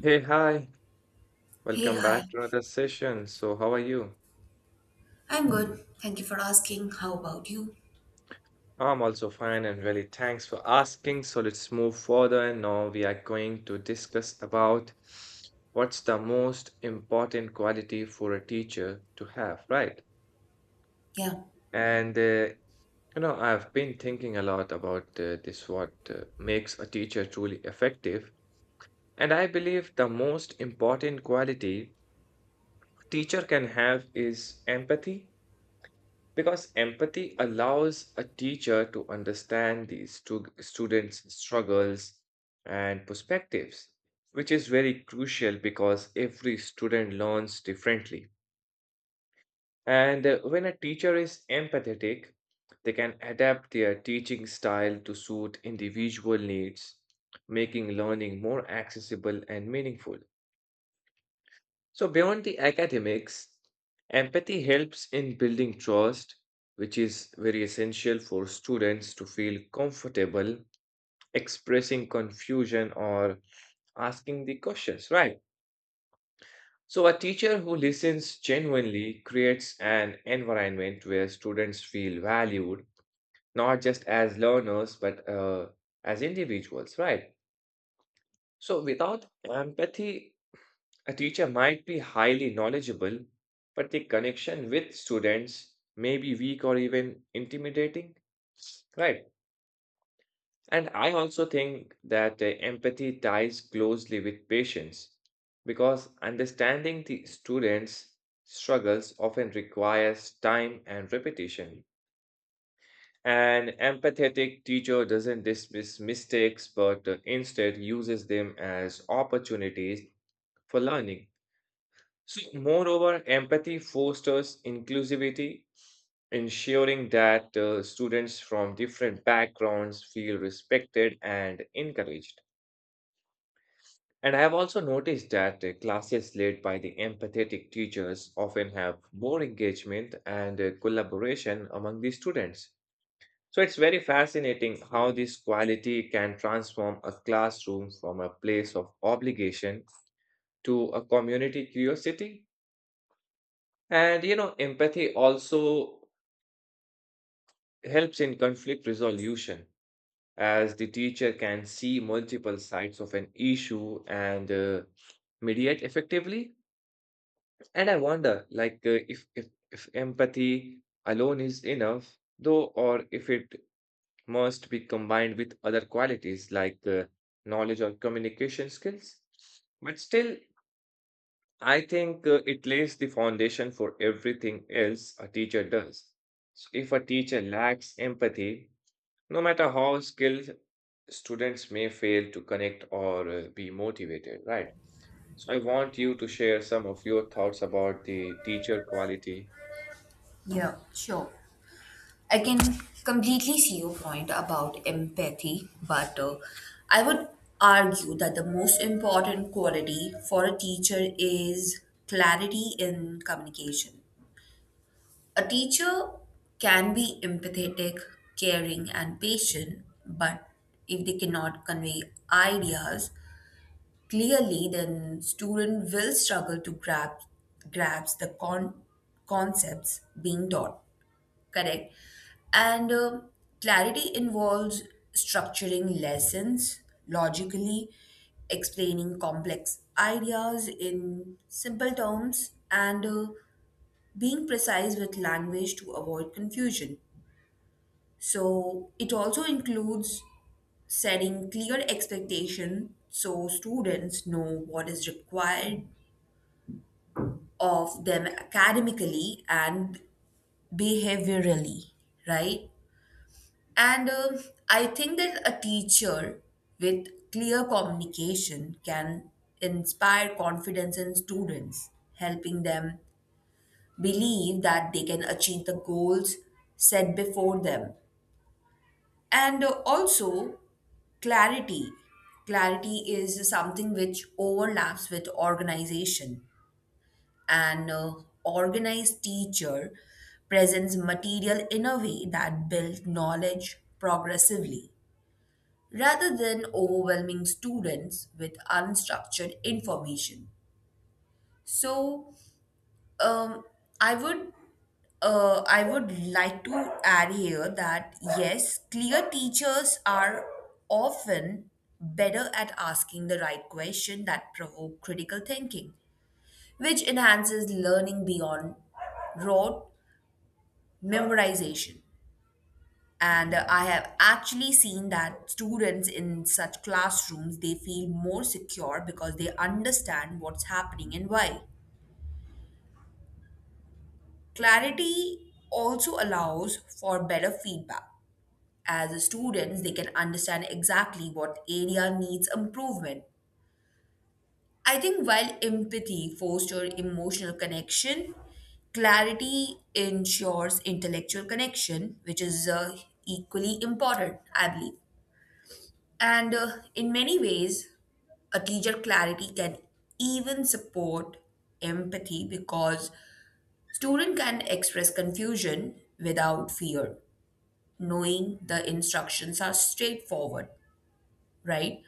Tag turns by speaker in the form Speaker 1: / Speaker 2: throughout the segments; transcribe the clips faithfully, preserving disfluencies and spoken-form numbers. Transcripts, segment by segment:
Speaker 1: Hey, hi.
Speaker 2: Hey,
Speaker 1: Welcome
Speaker 2: hi.
Speaker 1: back to another session. So, how are you?
Speaker 2: I'm good. Thank you for asking. How about you?
Speaker 1: I'm also fine and really thanks for asking. So, let's move further and now we are going to discuss about what's the most important quality for a teacher to have, right?
Speaker 2: Yeah.
Speaker 1: And uh, you know, I've been thinking a lot about uh, this what uh, makes a teacher truly effective, and I believe the most important quality a teacher can have is empathy. Because empathy allows a teacher to understand the stu- students' struggles and perspectives, which is very crucial because every student learns differently. And uh, When a teacher is empathetic, they can adapt their teaching style to suit individual needs, making learning more accessible and meaningful. So, beyond the academics, empathy helps in building trust, which is very essential for students to feel comfortable expressing confusion or asking the questions, right? So, a teacher who listens genuinely creates an environment where students feel valued, not just as learners, but uh, as individuals, right? So, without empathy, a teacher might be highly knowledgeable, but the connection with students may be weak or even intimidating. Right. And I also think that uh, empathy ties closely with patience because understanding the students' struggles often requires time and repetition. An empathetic teacher doesn't dismiss mistakes but uh, instead uses them as opportunities for learning. So, moreover, empathy fosters inclusivity, ensuring that uh, students from different backgrounds feel respected and encouraged. And I have also noticed that uh, classes led by the empathetic teachers often have more engagement and uh, collaboration among the students. So, it's very fascinating how this quality can transform a classroom from a place of obligation to a community curiosity. And you know, empathy also helps in conflict resolution as the teacher can see multiple sides of an issue and uh, mediate effectively. And I wonder like uh, if, if if empathy alone is enough though, or if it must be combined with other qualities like uh, knowledge or communication skills. But still, I think uh, it lays the foundation for everything else a teacher does. So if a teacher lacks empathy, no matter how skilled, students may fail to connect or uh, be motivated, right? So I want you to share some of your thoughts about the teacher quality.
Speaker 2: Yeah, sure. I can completely see your point about empathy, but uh, I would argue that the most important quality for a teacher is clarity in communication. A teacher can be empathetic, caring, and patient, but if they cannot convey ideas clearly, then student will struggle to grab grasp the con- concepts being taught. Correct. And um Clarity involves structuring lessons logically, explaining complex ideas in simple terms, and uh, being precise with language to avoid confusion. So it also includes setting clear expectation so students know what is required of them academically and behaviorally, right? And um I think that a teacher with clear communication can inspire confidence in students, helping them believe that they can achieve the goals set before them. And uh, also, clarity. Clarity is something which overlaps with organization. An uh, Organized teacher presents material in a way that builds knowledge progressively rather than overwhelming students with unstructured information. So, um, I would uh, I would like to add here that yes, clear teachers are often better at asking the right question that provoke critical thinking, which enhances learning beyond rote memorization. And uh, I have actually seen that students in such classrooms they feel more secure because they understand what's happening and why. Clarity also allows for better feedback, as a students they can understand exactly what area needs improvement. I think while empathy fosters emotional connection, clarity ensures intellectual connection, which is uh, equally important I believe. And uh, in many ways, a teacher clarity can even support empathy because student can express confusion without fear, knowing the instructions are straightforward, right?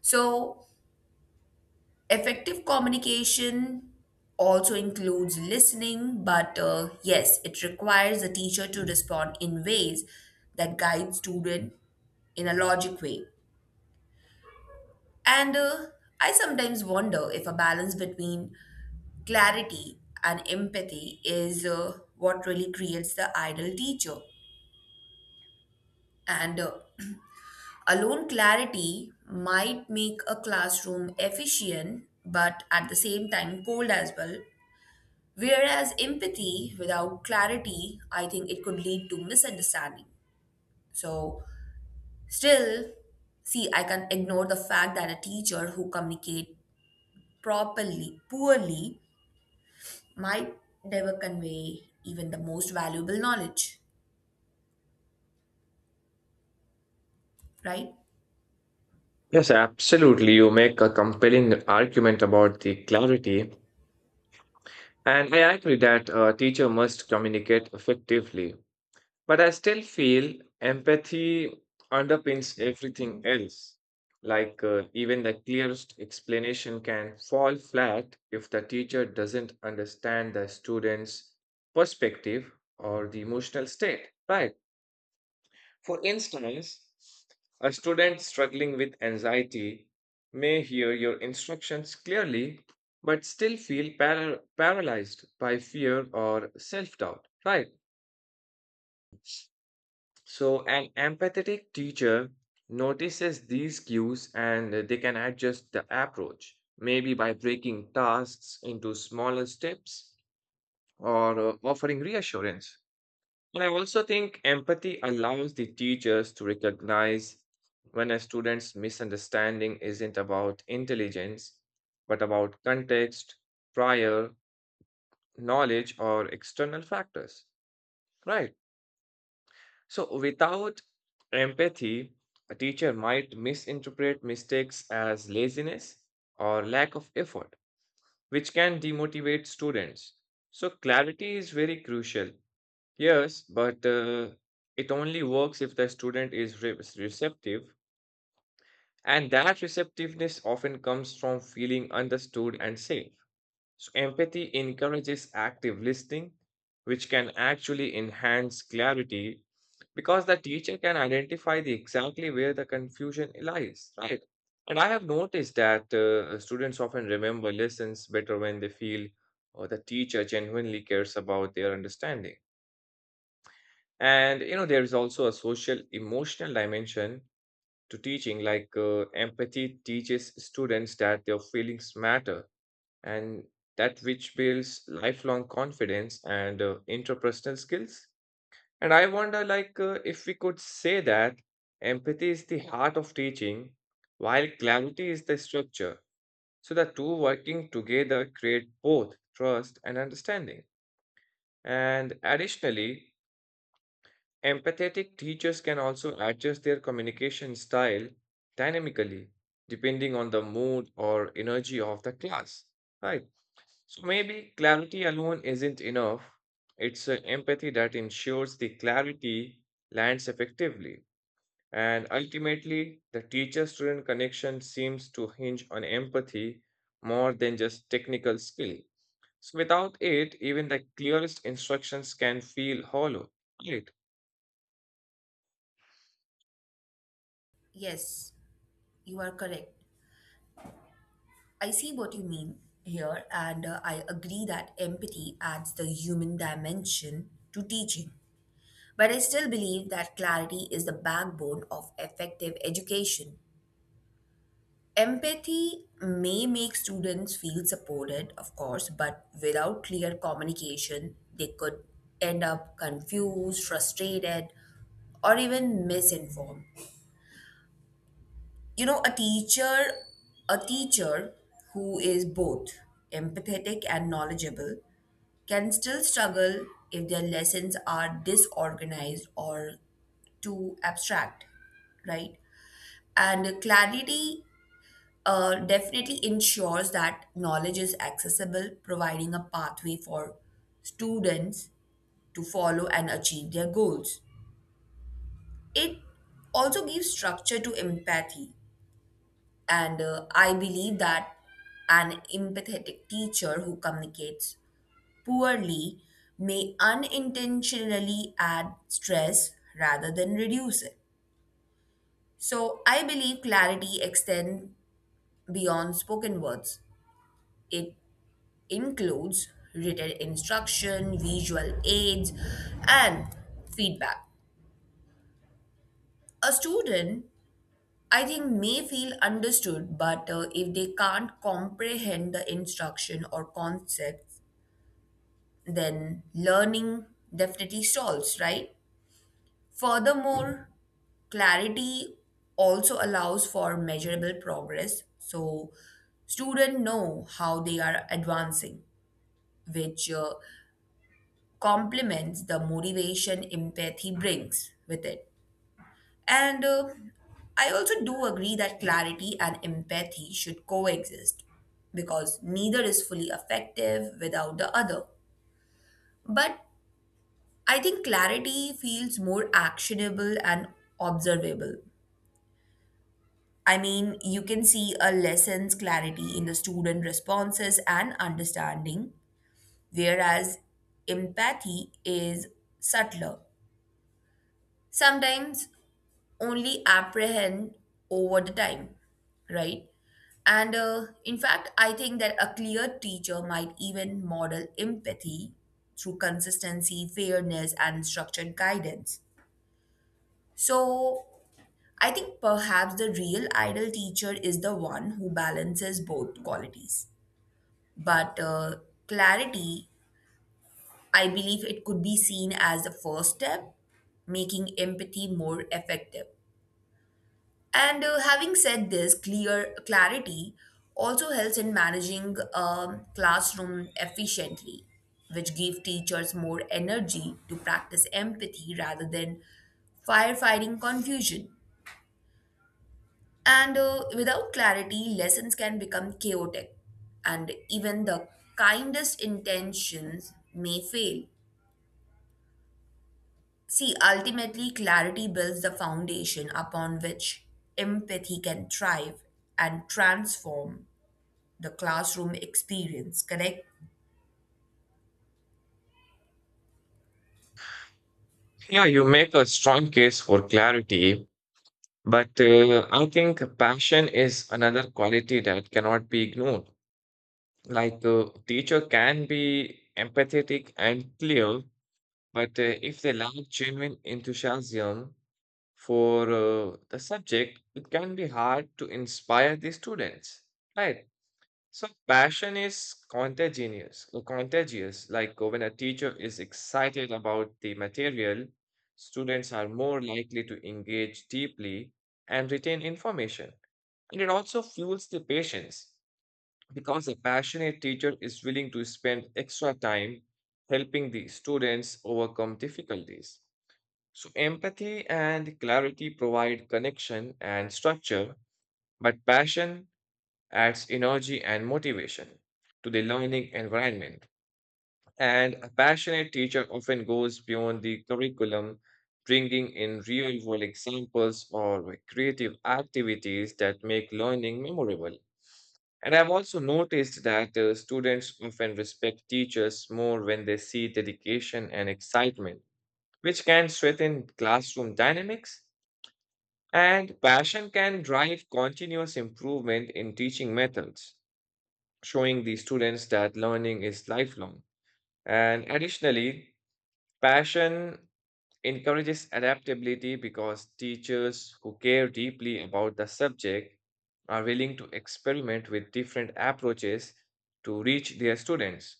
Speaker 2: So effective communication also includes listening, but uh, yes, it requires the teacher to respond in ways that guide student in a logic way. And uh, I sometimes wonder if a balance between clarity and empathy is uh, what really creates the ideal teacher. And uh, alone clarity might make a classroom efficient, but at the same time cold as well. Whereas empathy without clarity, I think it could lead to misunderstanding. So, still, see, I can ignore the fact that a teacher who communicate properly, poorly, might never convey even the most valuable knowledge, right?
Speaker 1: Yes, absolutely. You make a compelling argument about the clarity. And I agree that a teacher must communicate effectively, but I still feel empathy underpins everything else. Like, uh, even the clearest explanation can fall flat if the teacher doesn't understand the student's perspective or the emotional state, right? For instance, a student struggling with anxiety may hear your instructions clearly but still feel para- paralyzed by fear or self doubt, right? So, an empathetic teacher notices these cues and they can adjust the approach, maybe by breaking tasks into smaller steps or uh, offering reassurance. And I also think empathy allows the teachers to recognize when a student's misunderstanding isn't about intelligence, but about context, prior knowledge, or external factors, right? So, without empathy, a teacher might misinterpret mistakes as laziness or lack of effort, which can demotivate students. So, clarity is very crucial. Yes, but uh, it only works if the student is re- receptive, and that receptiveness often comes from feeling understood and safe. So empathy encourages active listening, which can actually enhance clarity because the teacher can identify the exactly where the confusion lies, right? And I have noticed that uh, students often remember lessons better when they feel or the teacher genuinely cares about their understanding. And you know, there is also a social emotional dimension to teaching, like uh, empathy teaches students that their feelings matter and that which builds lifelong confidence and uh, interpersonal skills. And I wonder, like, uh, if we could say that empathy is the heart of teaching, while clarity is the structure. So the two working together create both trust and understanding. And additionally, empathetic teachers can also adjust their communication style dynamically depending on the mood or energy of the class, right? So maybe clarity alone isn't enough. It's uh, empathy that ensures the clarity lands effectively. And ultimately, the teacher student connection seems to hinge on empathy more than just technical skill. So without it, even the clearest instructions can feel hollow, right?
Speaker 2: Yes, you are correct. I see what you mean here, and uh, I agree that empathy adds the human dimension to teaching. But I still believe that clarity is the backbone of effective education. Empathy may make students feel supported, of course, but without clear communication, they could end up confused, frustrated, or even misinformed. You know, a teacher, a teacher who is both empathetic and knowledgeable can still struggle if their lessons are disorganized or too abstract, right? And clarity uh, definitely ensures that knowledge is accessible, providing a pathway for students to follow and achieve their goals. It also gives structure to empathy, and uh, I believe that an empathetic teacher who communicates poorly may unintentionally add stress rather than reduce it. So I believe clarity extends beyond spoken words. It includes written instruction, visual aids, and feedback. A student, I think, may feel understood, but uh, if they can't comprehend the instruction or concepts, then learning definitely stalls, right? Furthermore, clarity also allows for measurable progress, so students know how they are advancing, which uh, complements the motivation empathy brings with it. And uh, I also do agree that clarity and empathy should coexist because neither is fully effective without the other. But I think clarity feels more actionable and observable. I mean, you can see a lesson's clarity in the student responses and understanding, whereas empathy is subtler. Sometimes only apprehend over the time, right? And uh, in fact, I think that a clear teacher might even model empathy through consistency, fairness, and structured guidance. So I think perhaps the real ideal teacher is the one who balances both qualities. But uh, clarity, I believe it could be seen as the first step, making empathy more effective. And uh, having said this, clear clarity also helps in managing um, classroom efficiently, which give teachers more energy to practice empathy rather than firefighting confusion. And uh, without clarity, lessons can become chaotic, and even the kindest intentions may fail. See, ultimately, clarity builds the foundation upon which empathy can thrive and transform the classroom experience, correct?
Speaker 1: Yeah, you make a strong case for clarity, but uh, I think passion is another quality that cannot be ignored. Like a teacher can be empathetic and clear, but uh, if they lack genuine enthusiasm for uh, the subject, it can be hard to inspire the students, right? So passion is contagious, uh, contagious. Like uh, when a teacher is excited about the material, students are more likely to engage deeply and retain information. And it also fuels the patience because a passionate teacher is willing to spend extra time helping the students overcome difficulties. So empathy and clarity provide connection and structure, but passion adds energy and motivation to the learning environment. And a passionate teacher often goes beyond the curriculum, bringing in real world examples or creative activities that make learning memorable. And I've also noticed that uh, students often respect teachers more when they see dedication and excitement, which can strengthen classroom dynamics. And passion can drive continuous improvement in teaching methods, showing the students that learning is lifelong. And additionally, passion encourages adaptability because teachers who care deeply about the subject are willing to experiment with different approaches to reach their students.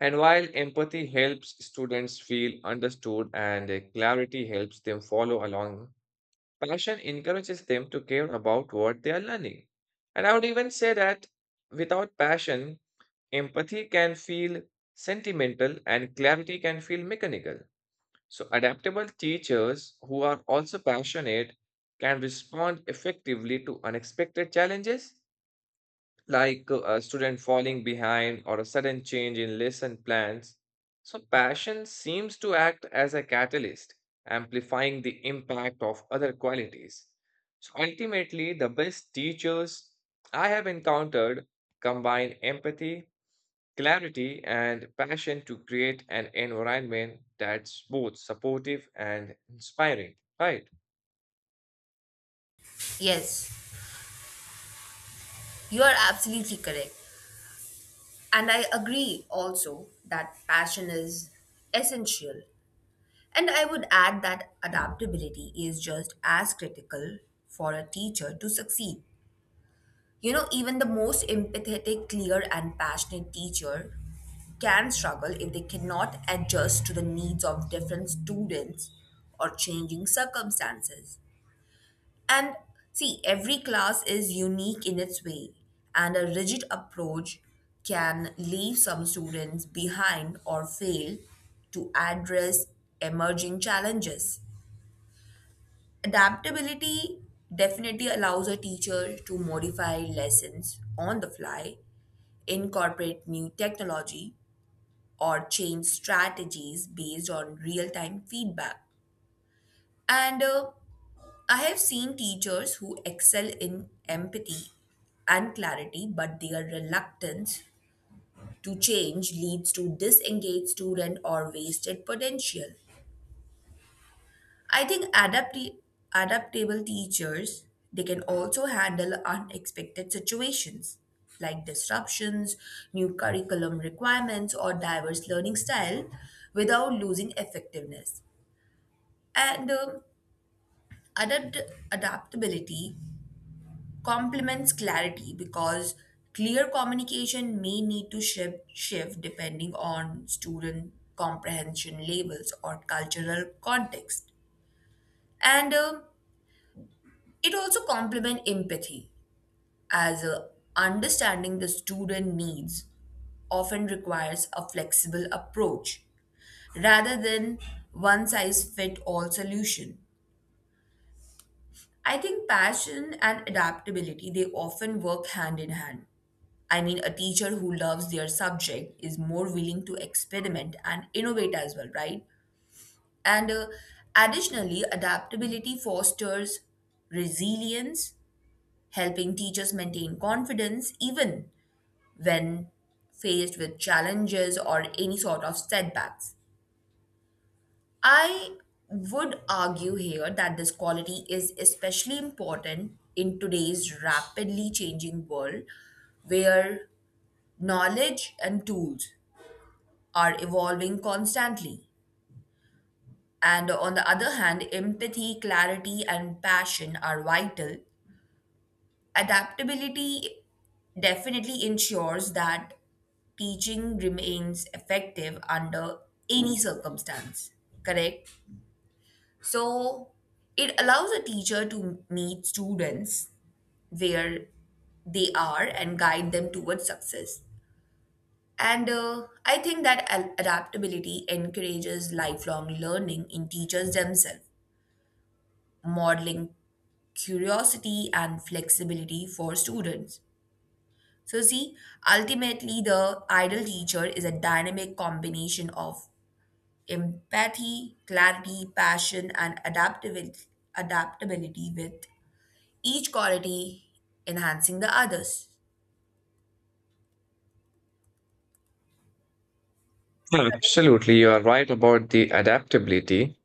Speaker 1: And while empathy helps students feel understood and uh, clarity helps them follow along, passion encourages them to care about what they are learning. And I would even say that without passion, empathy can feel sentimental and clarity can feel mechanical. So, adaptable teachers who are also passionate can respond effectively to unexpected challenges like uh, a student falling behind or a sudden change in lesson plans. So, passion seems to act as a catalyst, amplifying the impact of other qualities. So, ultimately, the best teachers I have encountered combine empathy, clarity, and passion to create an environment that's both supportive and inspiring, right?
Speaker 2: Yes, you are absolutely correct. And I agree also that passion is essential. And I would add that adaptability is just as critical for a teacher to succeed. You know, even the most empathetic, clear, and passionate teacher can struggle if they cannot adjust to the needs of different students or changing circumstances. And see, every class is unique in its way, and a rigid approach can leave some students behind or fail to address emerging challenges. Adaptability definitely allows a teacher to modify lessons on the fly, incorporate new technology, or change strategies based on real time feedback. And uh, I have seen teachers who excel in empathy and clarity, but their reluctance to change leads to disengaged student or wasted potential. I think adapti- adaptable teachers they can also handle unexpected situations like disruptions, new curriculum requirements, or diverse learning style without losing effectiveness. And um, adapt- adaptability complements clarity because clear communication may need to shift, shift depending on student comprehension levels or cultural context. And um, it also complements empathy as uh, understanding the student needs often requires a flexible approach rather than one size fit all solution. I think passion and adaptability they often work hand in hand. I mean, a teacher who loves their subject is more willing to experiment and innovate as well, right? And uh, additionally, adaptability fosters resilience, helping teachers maintain confidence even when faced with challenges or any sort of setbacks. I would argue here that this quality is especially important in today's rapidly changing world where knowledge and tools are evolving constantly. And on the other hand, empathy, clarity, and passion are vital. Adaptability definitely ensures that teaching remains effective under any circumstance, correct? So it allows a teacher to meet students where they are and guide them towards success. And uh, I think that al- adaptability encourages lifelong learning in teachers themselves, modeling curiosity and flexibility for students. So, see, ultimately, the ideal teacher is a dynamic combination of empathy, clarity, passion, and adaptability, adaptability with each quality enhancing the others.
Speaker 1: Absolutely, you are right about the adaptability.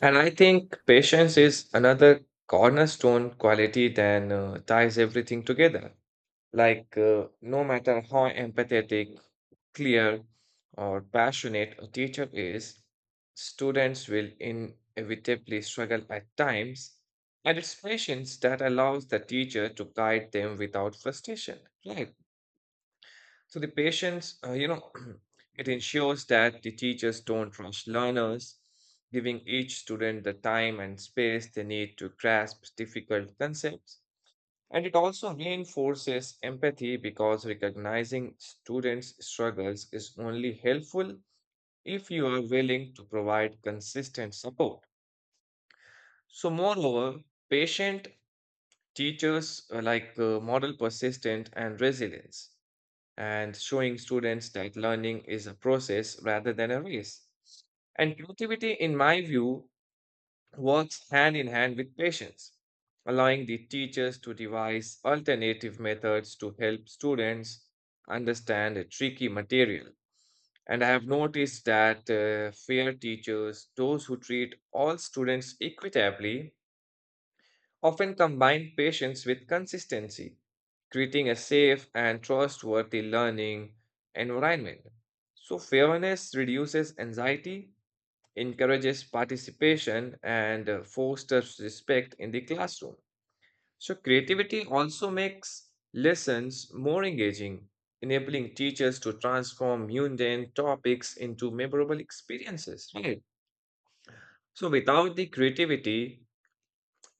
Speaker 1: And I think patience is another cornerstone quality that uh, ties everything together. Like, uh, no matter how empathetic, clear, or passionate a teacher is, students will inevitably struggle at times, and it's patience that allows the teacher to guide them without frustration, right? So the patience, uh, you know, it ensures that the teachers don't rush learners, giving each student the time and space they need to grasp difficult concepts. And it also reinforces empathy because recognizing students' struggles is only helpful if you are willing to provide consistent support. So, moreover, patient teachers uh, like uh, model persistent and resilience and showing students that learning is a process rather than a race. And creativity, in my view, works hand in hand with patience, allowing the teachers to devise alternative methods to help students understand a tricky material. And I have noticed that uh, fair teachers, those who treat all students equitably, often combine patience with consistency, creating a safe and trustworthy learning environment. So, fairness reduces anxiety, encourages participation, and uh, fosters respect in the classroom. So, creativity also makes lessons more engaging, enabling teachers to transform mundane topics into memorable experiences, right? So, without the creativity,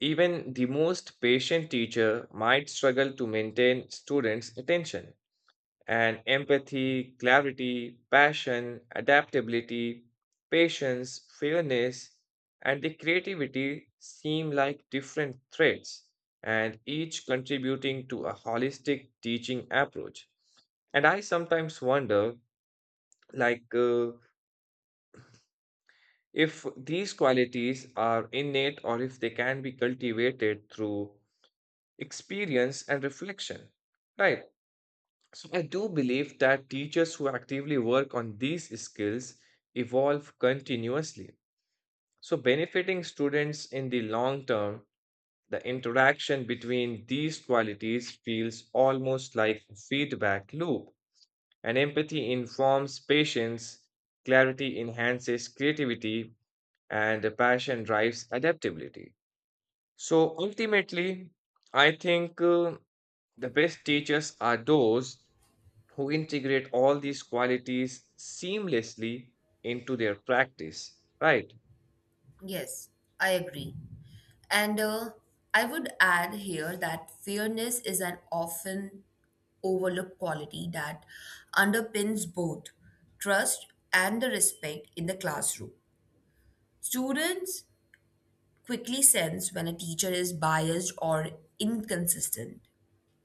Speaker 1: even the most patient teacher might struggle to maintain students' attention. And empathy, clarity, passion, adaptability, patience, fairness, and the creativity seem like different threads, and each contributing to a holistic teaching approach. And I sometimes wonder, like, uh, if these qualities are innate or if they can be cultivated through experience and reflection, right? So I do believe that teachers who actively work on these skills evolve continuously, so benefiting students in the long term. The interaction between these qualities feels almost like a feedback loop. And empathy informs patience, clarity enhances creativity, and the passion drives adaptability. So ultimately, I think uh, the best teachers are those who integrate all these qualities seamlessly into their practice, right?
Speaker 2: Yes, I agree. And uh, I would add here that fairness is an often overlooked quality that underpins both trust and the respect in the classroom. Students quickly sense when a teacher is biased or inconsistent,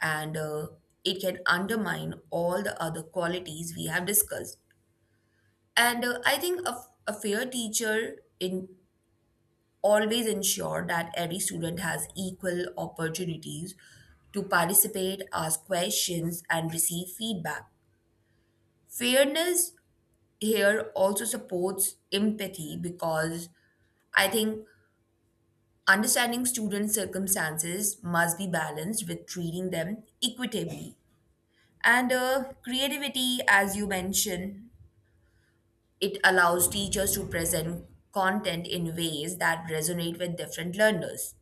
Speaker 2: and uh, it can undermine all the other qualities we have discussed. And uh, I think a, a fair teacher in always ensure that every student has equal opportunities to participate, ask questions, and receive feedback. Fairness here also supports empathy because I think understanding students' circumstances must be balanced with treating them equitably. And uh, creativity, as you mentioned, it allows teachers to present content in ways that resonate with different learners,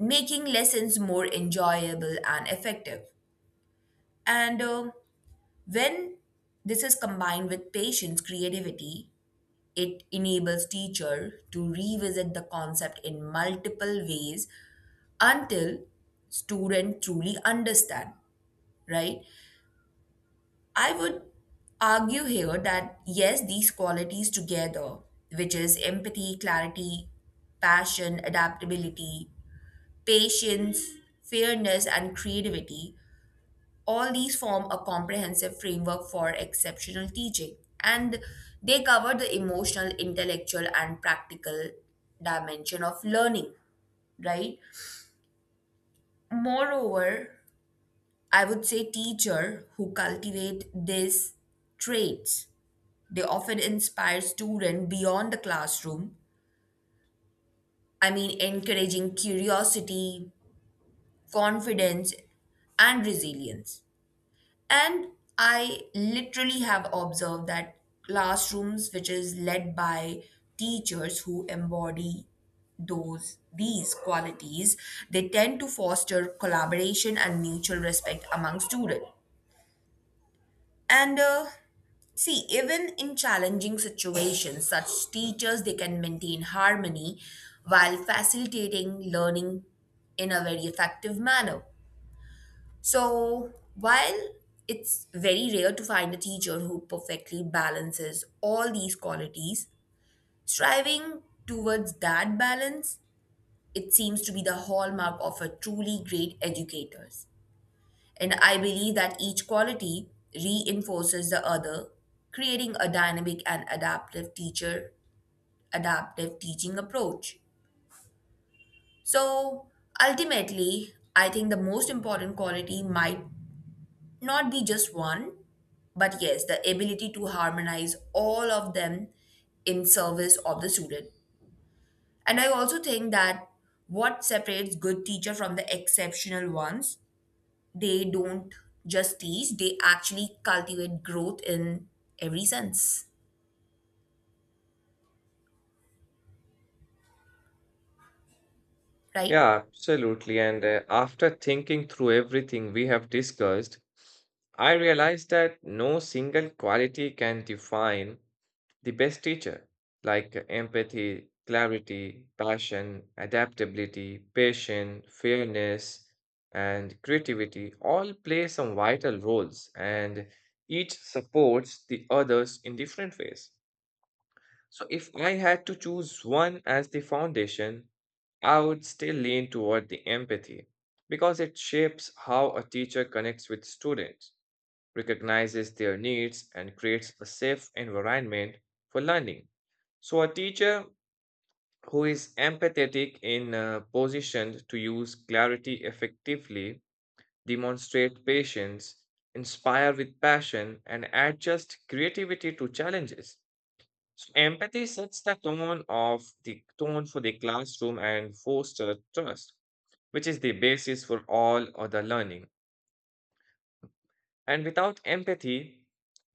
Speaker 2: making lessons more enjoyable and effective. And uh, when this is combined with patience, creativity, it enables teacher to revisit the concept in multiple ways until student truly understand, right? I would argue here that yes, these qualities together, which is empathy, clarity, passion, adaptability, patience, fairness, and creativity, all these form a comprehensive framework for exceptional teaching, and they cover the emotional intellectual and practical dimension of learning, right? Moreover, I would say teacher who cultivate these traits they often inspire student beyond the classroom. I mean, encouraging curiosity, confidence, and resilience. And I literally have observed that classrooms which is led by teachers who embody those these qualities they tend to foster collaboration and mutual respect among students. And uh, see, even in challenging situations such teachers they can maintain harmony while facilitating learning in a very effective manner. So, while it's very rare to find a teacher who perfectly balances all these qualities, striving towards that balance, it seems to be the hallmark of a truly great educators. And I believe that each quality reinforces the other, creating a dynamic and adaptive teacher, adaptive teaching approach. So ultimately, I think the most important quality might not be just one, but yes, the ability to harmonize all of them in service of the student. And I also think that what separates good teacher from the exceptional ones, they don't just teach, they actually cultivate growth in every sense, right?
Speaker 1: Yeah, absolutely. And uh, after thinking through everything we have discussed, I realized that no single quality can define the best teacher, like uh, empathy, clarity, passion, adaptability, patience, fairness, and creativity all play some vital roles and each supports the others in different ways. So if I had to choose one as the foundation, I would still lean toward the empathy because it shapes how a teacher connects with students, recognizes their needs, and creates a safe environment for learning. So, a teacher who is empathetic in a position to use clarity effectively, demonstrate patience, inspire with passion, and adjust creativity to challenges. So empathy sets the tone of the tone for the classroom and fosters trust, which is the basis for all other learning. And without empathy,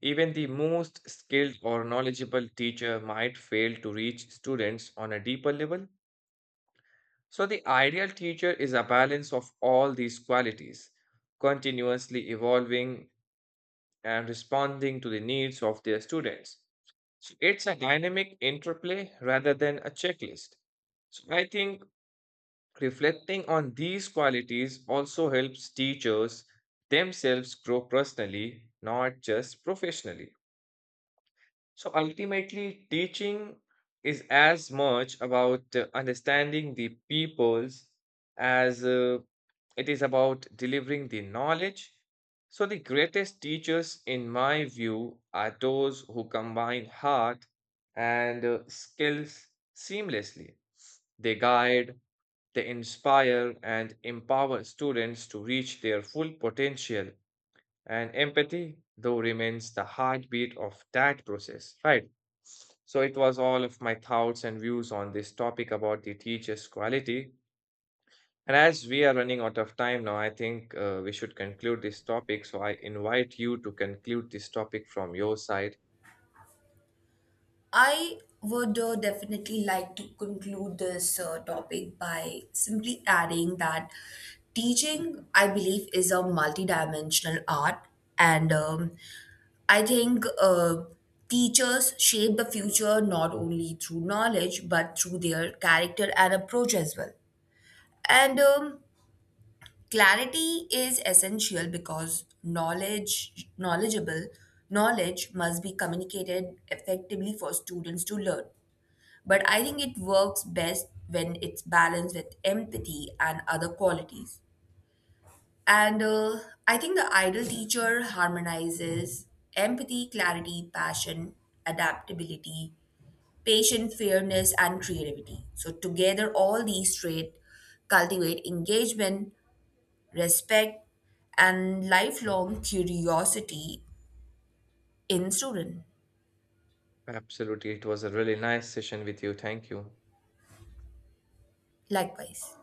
Speaker 1: even the most skilled or knowledgeable teacher might fail to reach students on a deeper level. So the ideal teacher is a balance of all these qualities, continuously evolving and responding to the needs of their students. So it's a dynamic interplay rather than a checklist. So I think reflecting on these qualities also helps teachers themselves grow personally, not just professionally. So ultimately, teaching is as much about uh, understanding the peoples as uh, it is about delivering the knowledge. So, the greatest teachers, in my view, are those who combine heart and uh, skills seamlessly. They guide, they inspire and empower students to reach their full potential, and empathy, though, remains the heartbeat of that process, right? So, it was all of my thoughts and views on this topic about the teacher's quality. And as we are running out of time now, I think uh, we should conclude this topic. So, I invite you to conclude this topic from your side.
Speaker 2: I would uh, definitely like to conclude this uh, topic by simply adding that teaching, I believe, is a multidimensional art, and um, I think uh, teachers shape the future not only through knowledge but through their character and approach as well. And um, clarity is essential because knowledge, knowledgeable knowledge must be communicated effectively for students to learn. But I think it works best when it's balanced with empathy and other qualities. And uh, I think the ideal teacher harmonizes empathy, clarity, passion, adaptability, patience, fairness, and creativity. So, together, all these traits cultivate engagement, respect, and lifelong curiosity in students.
Speaker 1: Absolutely. It was a really nice session with you. Thank you.
Speaker 2: Likewise.